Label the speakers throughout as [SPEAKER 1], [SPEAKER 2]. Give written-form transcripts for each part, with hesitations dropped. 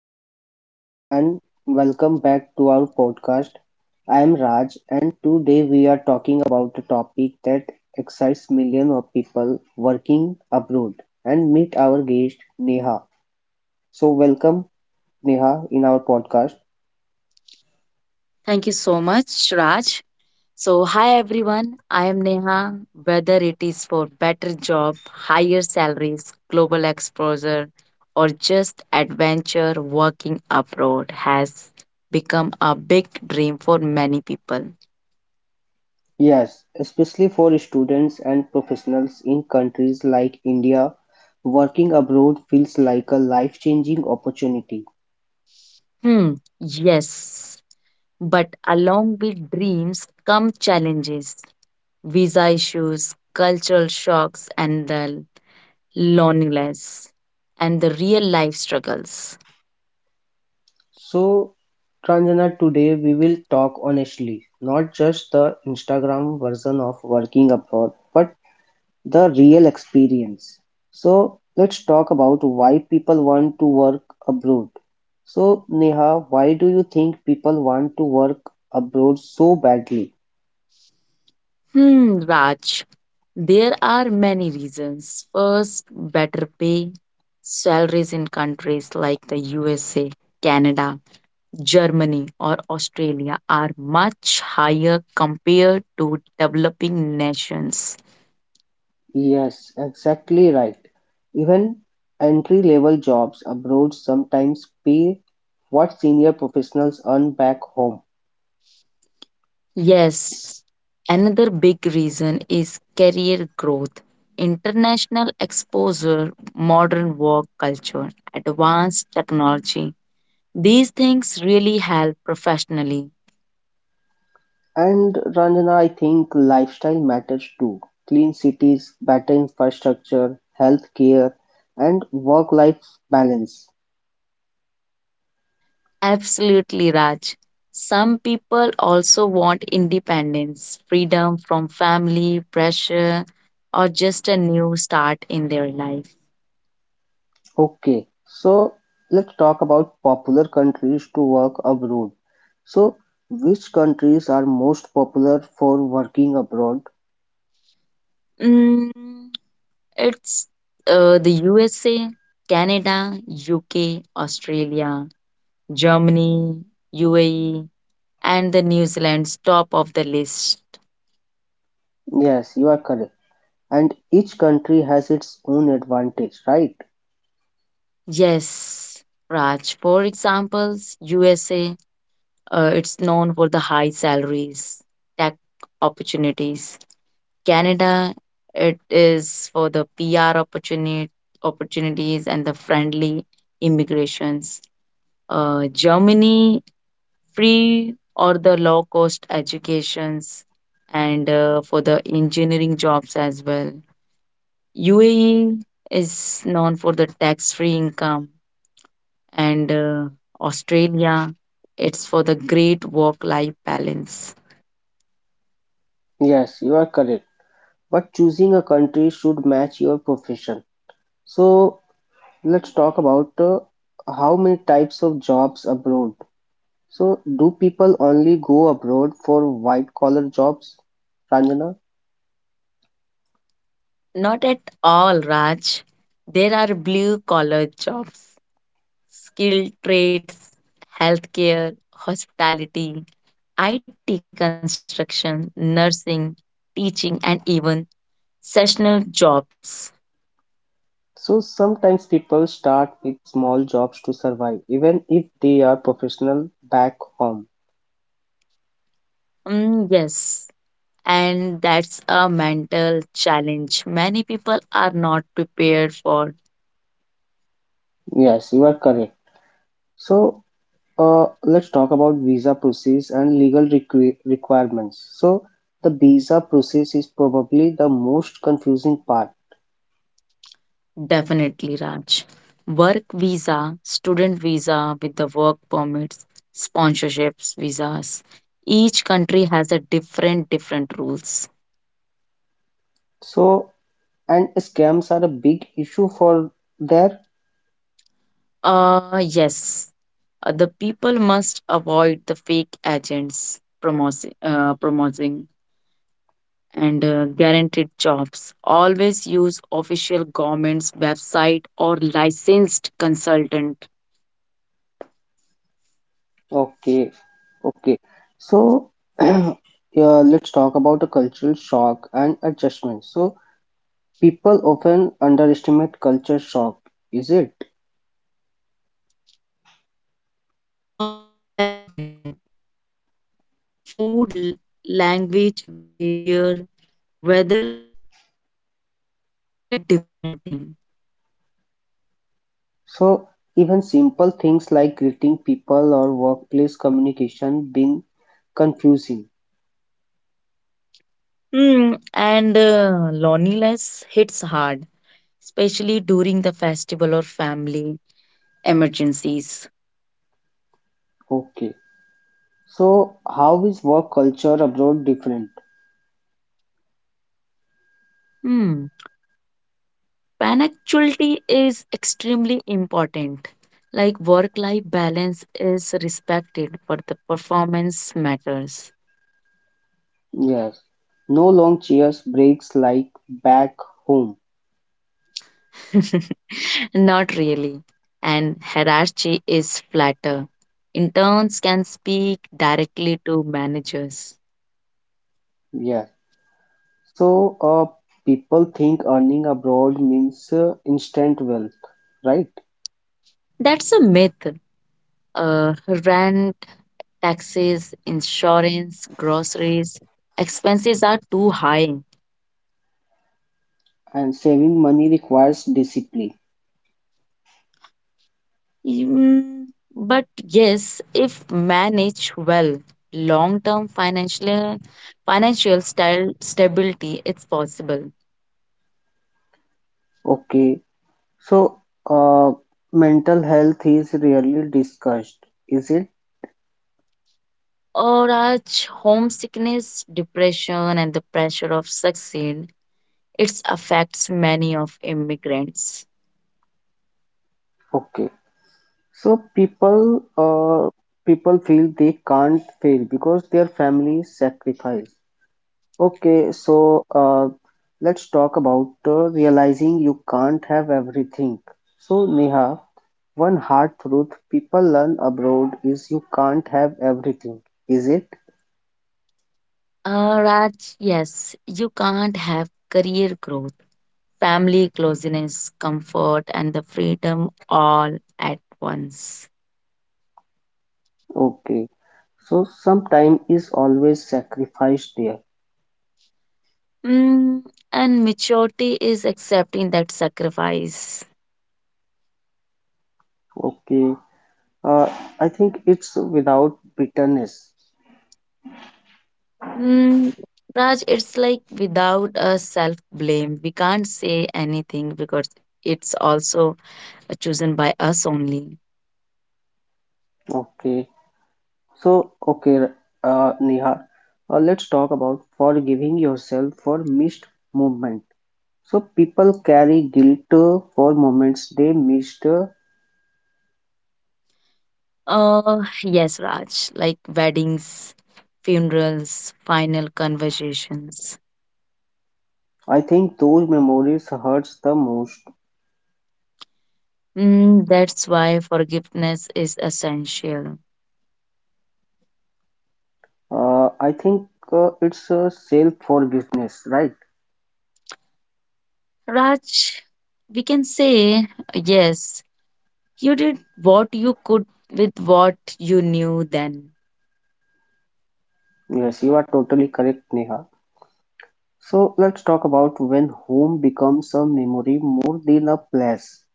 [SPEAKER 1] Hello everyone and welcome back to our podcast. I am Raj and today we are talking about a topic that excites millions of people working abroad and meet our guest Neha. So welcome Neha in our podcast.
[SPEAKER 2] Thank you so much, Raj. So, hi everyone. I am Neha. Whether it is for better job, higher salaries, global exposure, or just adventure, working abroad has become a big dream for many people.
[SPEAKER 1] Yes, especially for students and professionals in countries like India, working abroad feels like a life-changing opportunity.
[SPEAKER 2] Hmm, yes. But along with dreams come challenges, visa issues, cultural shocks, and the loneliness, and the real life struggles.
[SPEAKER 1] So Tranjana, today we will talk honestly, not just the Instagram version of working abroad, but the real experience. So let's talk about why people want to work abroad. So Neha, why do you think people want to work abroad so badly?
[SPEAKER 2] Hmm, Raj, there are many reasons. First, better pay. Salaries in countries like the USA, Canada, Germany, or Australia are much higher compared to developing nations.
[SPEAKER 1] Yes, exactly right. Even entry-level jobs abroad sometimes pay what senior professionals earn back home.
[SPEAKER 2] Yes, another big reason is career growth. International exposure, modern work culture, advanced technology. These things really help professionally.
[SPEAKER 1] And Ranjana, I think lifestyle matters too. Clean cities, better infrastructure, healthcare, and work-life balance.
[SPEAKER 2] Absolutely, Raj. Some people also want independence, freedom from family, pressure, or just a new start in their life.
[SPEAKER 1] Okay, so let's talk about popular countries to work abroad. So, which countries are most popular for working abroad?
[SPEAKER 2] Mm, it's The USA, Canada, UK, Australia, Germany, UAE, and the New Zealand's top of the list.
[SPEAKER 1] Yes, you are correct. And each country has its own advantage, right?
[SPEAKER 2] Yes, Raj. For examples, USA, it's known for the high salaries, tech opportunities. Canada, it is for the PR opportunities and the friendly immigrations. Germany, free or the low cost educations and for the engineering jobs as well. UAE is known for the tax free income and Australia, it's for the great work life balance.
[SPEAKER 1] Yes, you are correct. But choosing a country should match your profession. So, let's talk about how many types of jobs abroad. So, do people only go abroad for white collar jobs, Ranjana?
[SPEAKER 2] Not at all, Raj. There are blue collar jobs, skilled trades, healthcare, hospitality, IT construction, nursing, teaching, and even seasonal jobs.
[SPEAKER 1] So, sometimes people start with small jobs to survive, even if they are professional back home.
[SPEAKER 2] Mm, yes, and that's a mental challenge many people are not prepared for.
[SPEAKER 1] Yes, you are correct. So, let's talk about visa process and legal requirements. So, the visa process is probably the most confusing part.
[SPEAKER 2] Definitely, Raj. Work visa, student visa with the work permits, sponsorships, visas. Each country has a different rules.
[SPEAKER 1] So, and scams are a big issue for there.
[SPEAKER 2] Yes. The people must avoid the fake agents promoting and guaranteed jobs. Always use official government's website or licensed consultant.
[SPEAKER 1] Okay, okay. So, yeah, let's talk about the cultural shock and adjustment. So, people often underestimate culture shock, is it?
[SPEAKER 2] Very true. Like language, behavior, weather, everything feels like a different thing.
[SPEAKER 1] So, even simple things like greeting people or workplace communication being confusing.
[SPEAKER 2] Hmm, and loneliness hits hard, especially during the festival or family emergencies.
[SPEAKER 1] Okay. So, how is work culture abroad different?
[SPEAKER 2] Hmm, punctuality is extremely important. Like work life balance is respected, but the performance matters.
[SPEAKER 1] Yes. No long chairs breaks like back home.
[SPEAKER 2] Not really. And hierarchy is flatter. Interns can speak directly to managers.
[SPEAKER 1] Yes. So, people think earning abroad means instant wealth, right?
[SPEAKER 2] That's a myth. Uh, rent, taxes, insurance, groceries, expenses are too high.
[SPEAKER 1] And saving money requires discipline.
[SPEAKER 2] Mm, but yes, if managed well, long-term financial style stability is possible.
[SPEAKER 1] Okay. So, uh, mental health is rarely discussed, is it?
[SPEAKER 2] Or Raj, homesickness, depression, and the pressure of succeed. It affects many of immigrants.
[SPEAKER 1] Okay. So people feel they can't fail because their family sacrifice. Okay, so let's talk about realizing you can't have everything. So, Neha, one hard truth people learn abroad is you can't have everything, is it?
[SPEAKER 2] Raj, yes, you can't have career growth, family closeness, comfort, and the freedom all at once.
[SPEAKER 1] Okay, so some time is always sacrificed there.
[SPEAKER 2] Mm, and maturity is accepting that sacrifice.
[SPEAKER 1] Okay, uh, I think it's without bitterness.
[SPEAKER 2] Mm, Raj, it's like without a self blame, we can't say anything because it's also chosen by us only.
[SPEAKER 1] Okay, okay, Neha, let's talk about forgiving yourself for missed movement. So people carry guilt for moments they missed.
[SPEAKER 2] Yes, Raj, like weddings, funerals, final conversations.
[SPEAKER 1] I think those memories hurts the most.
[SPEAKER 2] Mm, that's why forgiveness is essential.
[SPEAKER 1] I think it's self forgiveness, right?
[SPEAKER 2] Raj, we can say, yes, you did what you could with what you knew then.
[SPEAKER 1] Yes, you are totally correct, Neha. So let's talk about when home becomes a memory more than a place.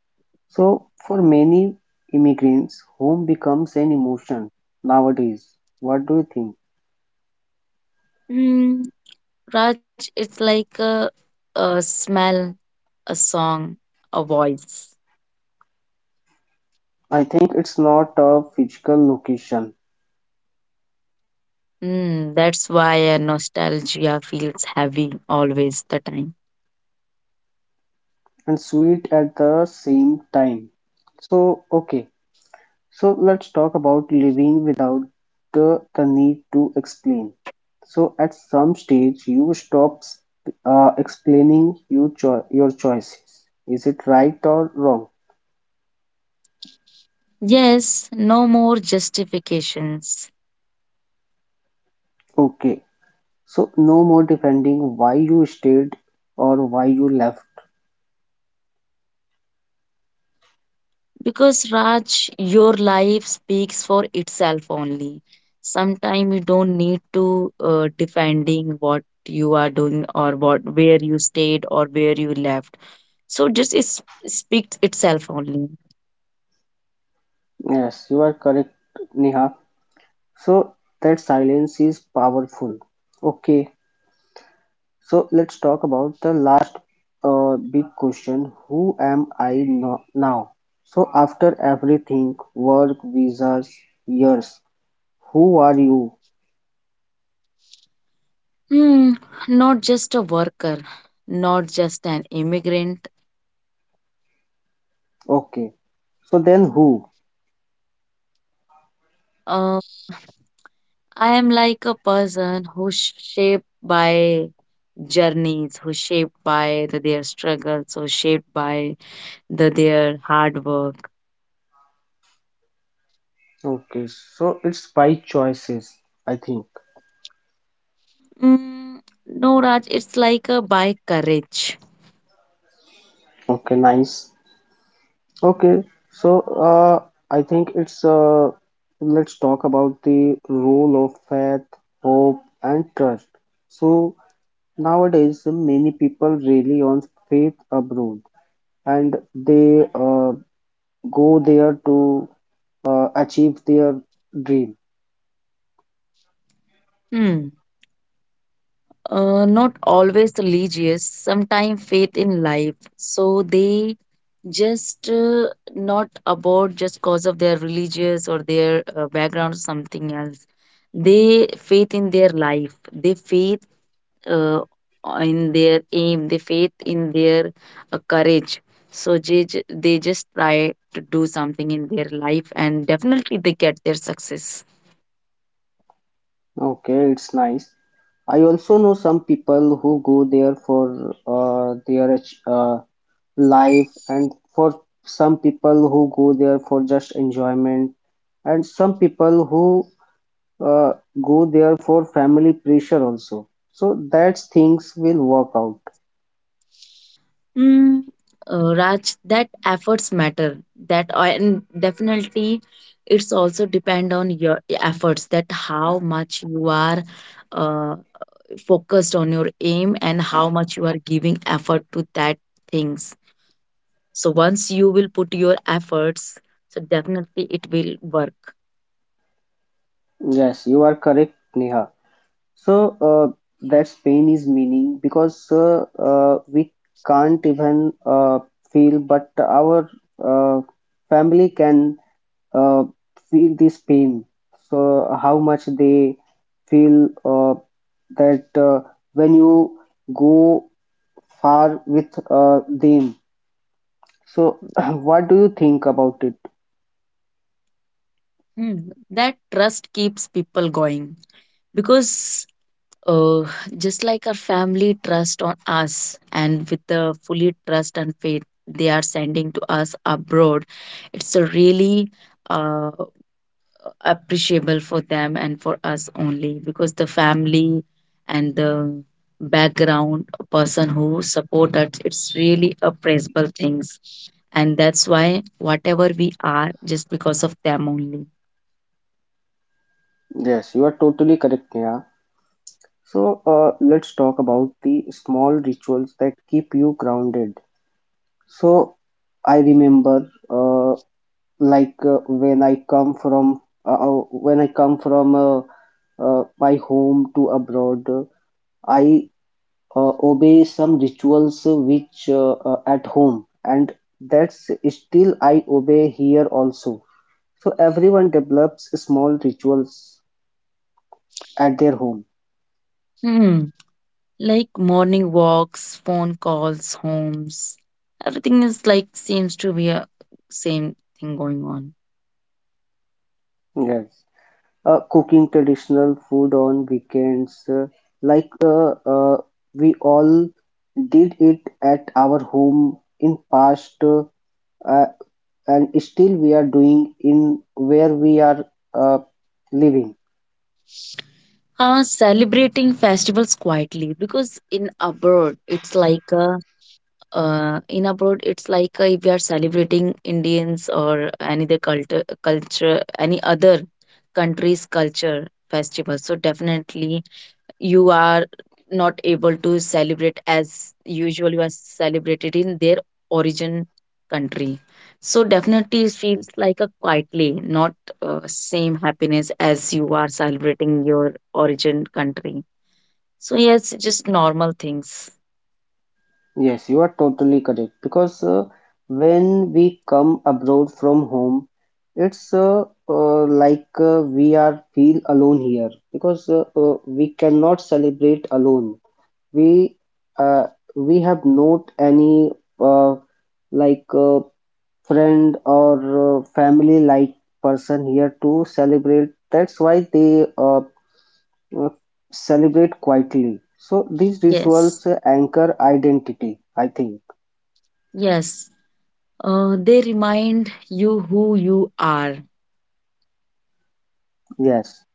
[SPEAKER 1] So for many immigrants, home becomes an emotion nowadays. What do you think?
[SPEAKER 2] Mm, Raj, it's like a smell, a song, a voice.
[SPEAKER 1] I think it's not a physical location
[SPEAKER 2] Mm, that's why nostalgia feels heavy always the time.
[SPEAKER 1] and sweet at the same time. So, okay, so let's talk about living without the need to explain. So, at some stage, you stop explaining your choices. Is it right or wrong?
[SPEAKER 2] Yes, no more justifications.
[SPEAKER 1] Okay, so no more defending why you stayed or why you left.
[SPEAKER 2] Because Raj, your life speaks for itself only. Sometimes you don't need to defending what you are doing or what where you stayed or where you left. So just it speaks itself only.
[SPEAKER 1] Yes, you are correct, Neha. So, that silence is powerful. Okay, so let's talk about the last big question, who am I no- now? So, after everything work, visas, years, who are you?
[SPEAKER 2] Hmm, not just a worker, not just an immigrant,
[SPEAKER 1] Okay, so then who?
[SPEAKER 2] a I am like a person who's shaped by journeys, who's shaped by their struggles, who's shaped by their hard work.
[SPEAKER 1] Okay, so it's by choices, I think.
[SPEAKER 2] Mm, no, Raj, it's like a by courage.
[SPEAKER 1] Okay, nice. Okay, so uh, I think it's let's talk about the role of faith, hope, and trust. So, nowadays, many people rely on faith abroad, and they go there to achieve their dream.
[SPEAKER 2] Hmm. Not always religious, sometimes faith in life. So they just not about just cause of their religious or their background or something else. They faith in their life. They faith uh, in their aim, they faith in their courage. So they, they just try to do something in their life and definitely they get their success.
[SPEAKER 1] Okay, it's nice. I also know some people who go there for life, and for some people who go there for just enjoyment, and some people who uh, go there for family pressure also. So that's things will work out.
[SPEAKER 2] Mm, Raj, that efforts matter. And definitely it's also depend on your efforts that how much you are uh, focused on your aim and how much you are giving effort to that things. So once you will put your efforts, so definitely it will work.
[SPEAKER 1] Yes, you are correct, Neha. So that's pain is meaning because we can't even feel, but our uh, family can uh, feel this pain. So how much they feel that when you go far with them. So what do you think about it?
[SPEAKER 2] Hmm. That trust keeps people going because uh, just like our family trust on us and with the fully trust and faith they are sending to us abroad, it's a really uh, appreciable for them and for us only, because the family and the background person who support us, it's really appreciable things, and that's why whatever we are just because of them only.
[SPEAKER 1] Yes, you are totally correct, Neha. So let's talk about the small rituals that keep you grounded. So I remember, like when I come from when I come from my home to abroad, I obey some rituals which at home, and that's still I obey here also. So everyone develops small rituals at their home.
[SPEAKER 2] Hmm, like morning walks, phone calls, homes, everything is like seems to be a same thing going on.
[SPEAKER 1] Yes. Cooking traditional food on weekends, like uh, uh, we all did it at our home in past, uh, and still we are doing in where we are uh, living.
[SPEAKER 2] Uh, celebrating festivals quietly, because in abroad it's like a in abroad it's like if we are celebrating indians or any other culture any other country's culture festival, so definitely you are not able to celebrate as usual you are celebrated in their origin country. So definitely it feels like a quietly not same happiness as you are celebrating your origin country. So yes, just normal things.
[SPEAKER 1] Yes, you are totally correct because when we come abroad from home, it's like we are feel alone here because we cannot celebrate alone. We uh, we have not any uh, like uh, friend or family like person here to celebrate. That's why they uh, celebrate quietly. So these
[SPEAKER 2] yes
[SPEAKER 1] rituals anchor identity, I think.
[SPEAKER 2] yes. They remind you who you are.
[SPEAKER 1] Yes.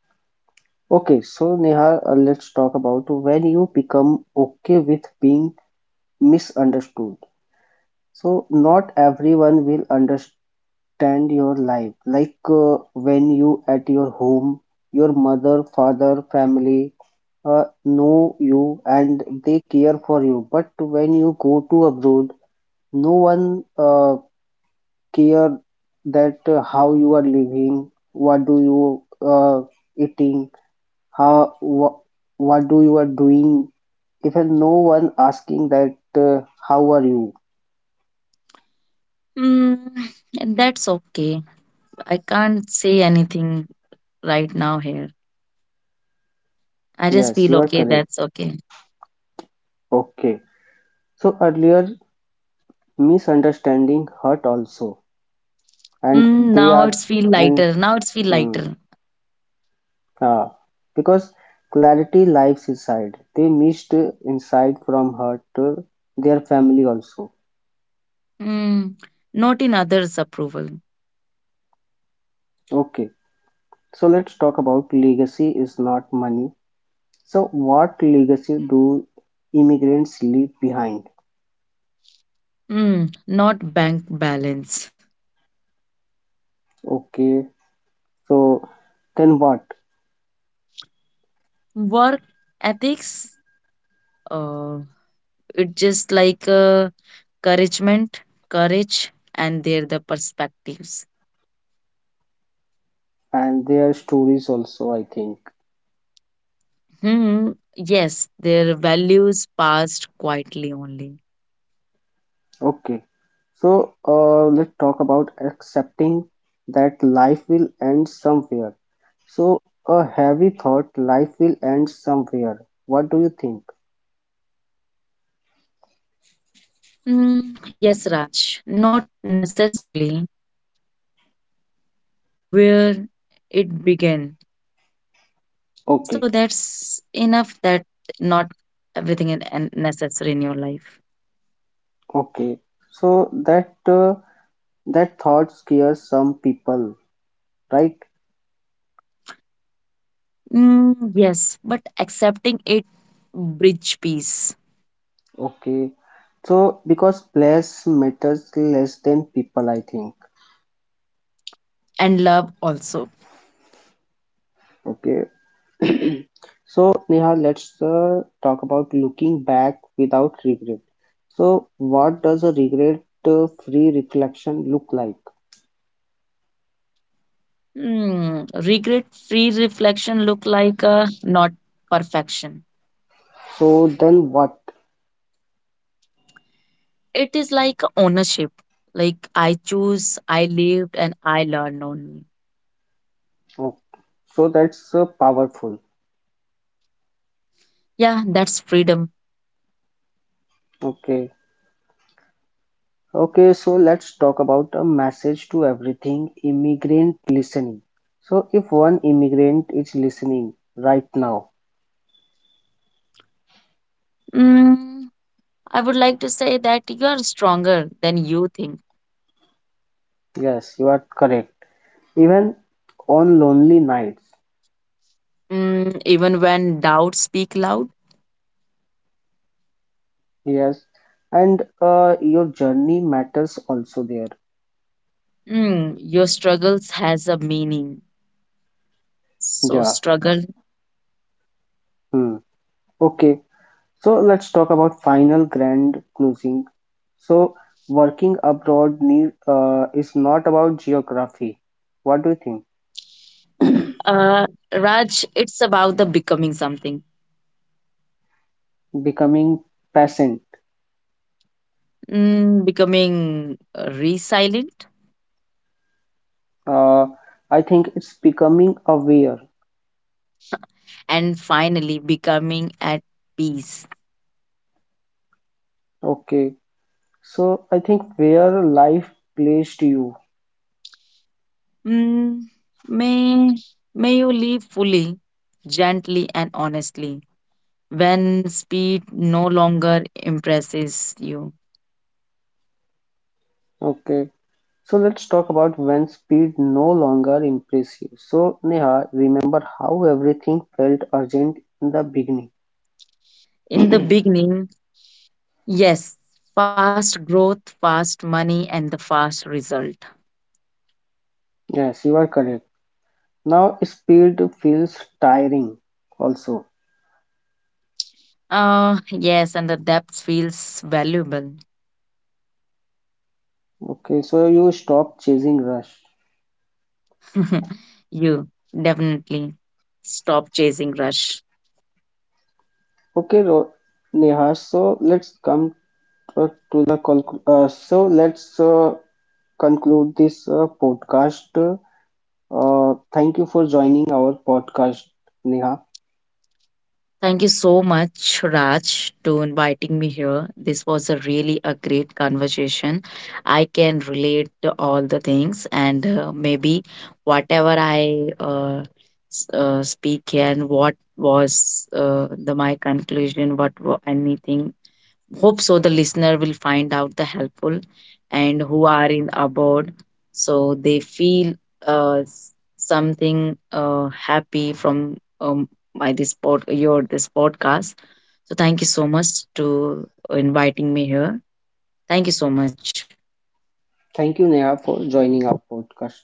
[SPEAKER 1] Okay, so Neha, let's talk about when you become okay with being misunderstood. So not everyone will understand your life. Like when you at your home, your mother, father, family know you and they care for you. But when you go to abroad, no one care that how you are living, what do you eating, how wha- what do you are doing. Even no one asking that how are you.
[SPEAKER 2] Mm, and that's okay. I can't say anything right now here. I just
[SPEAKER 1] Yes,
[SPEAKER 2] feel
[SPEAKER 1] you are
[SPEAKER 2] okay.
[SPEAKER 1] correct.
[SPEAKER 2] That's okay.
[SPEAKER 1] Okay, so earlier misunderstanding hurt also, and
[SPEAKER 2] Mm,
[SPEAKER 1] they
[SPEAKER 2] now
[SPEAKER 1] are
[SPEAKER 2] it's feel
[SPEAKER 1] and
[SPEAKER 2] lighter. Now it's feel
[SPEAKER 1] mm,
[SPEAKER 2] lighter.
[SPEAKER 1] ah, because clarity lives inside. They missed insight from hurt their family also.
[SPEAKER 2] Mm, not in others' approval.
[SPEAKER 1] Okay, so let's talk about legacy is not money. So what legacy do immigrants leave behind?
[SPEAKER 2] Mm, not bank balance.
[SPEAKER 1] Okay, so then what?
[SPEAKER 2] Work ethics. Uh, it just like encouragement, courage, and their the perspectives.
[SPEAKER 1] And their stories also, I think.
[SPEAKER 2] Hmm, yes, their values passed quietly only.
[SPEAKER 1] Okay, so let's talk about accepting that life will end somewhere. So, a heavy thought, life will end somewhere. What do you think?
[SPEAKER 2] Mm, yes, Raj, not necessarily where it began. So that's enough that
[SPEAKER 1] Okay,
[SPEAKER 2] not everything is necessary in your life.
[SPEAKER 1] okay. So that thought scares some people, right?
[SPEAKER 2] Mm, yes, but accepting it bridge peace
[SPEAKER 1] Okay. So because place matters less than people, I think.
[SPEAKER 2] and love also.
[SPEAKER 1] Okay. So, Neha, let's talk about looking back without regret. So, what does a regret-free reflection look like?
[SPEAKER 2] Mm, regret free reflection look like a not perfection.
[SPEAKER 1] So, then what?
[SPEAKER 2] It is like ownership. Like I choose, I lived, and I learned only.
[SPEAKER 1] Oh, so that's powerful.
[SPEAKER 2] Yeah, that's freedom.
[SPEAKER 1] Okay. Okay, so let's talk about a message to everything immigrant listening. So, if one immigrant is listening right now,
[SPEAKER 2] Mm, I would like to say that you are stronger than you think.
[SPEAKER 1] yes, you are correct. Even on lonely nights,
[SPEAKER 2] Mm, even when doubts speak loud,
[SPEAKER 1] yes, and your journey matters also there.
[SPEAKER 2] mm, your struggles has a meaning. So
[SPEAKER 1] Yeah.
[SPEAKER 2] struggle.
[SPEAKER 1] Hmm. Okay. So let's talk about final grand closing. So working abroad is not about geography. What do you think?
[SPEAKER 2] Uh, Raj, it's about the becoming something,
[SPEAKER 1] Becoming patient.
[SPEAKER 2] mm, becoming resilient,
[SPEAKER 1] Uh, I think it's becoming aware.
[SPEAKER 2] and finally becoming at peace.
[SPEAKER 1] Okay. So I think where life placed you.
[SPEAKER 2] Mm, may, may you live fully, gently, and honestly when speed no longer impresses you.
[SPEAKER 1] Okay. So let's talk about when speed no longer impress you. So Neha, remember how everything felt urgent in the beginning.
[SPEAKER 2] In the beginning, yes, fast growth, fast money, and the fast result.
[SPEAKER 1] Yes, you are correct. Now speed feels tiring also.
[SPEAKER 2] Yes, and the depth feels valuable.
[SPEAKER 1] Okay, so you stop chasing rush.
[SPEAKER 2] You definitely stop chasing rush.
[SPEAKER 1] Okay, Ro- Neha, so let's come so let's conclude this podcast. Thank you for joining our podcast, Neha.
[SPEAKER 2] Thank you so much, Raj, to inviting me here. This was a really a great conversation. I can relate to all the things, and maybe whatever I speak here and what was the my conclusion, what anything hope so the listener will find out the helpful, and who are in abroad, so they feel something happy from my this pod, your this podcast. So thank you so much to inviting me here. Thank you so much.
[SPEAKER 1] Thank you, Neha, for joining our podcast.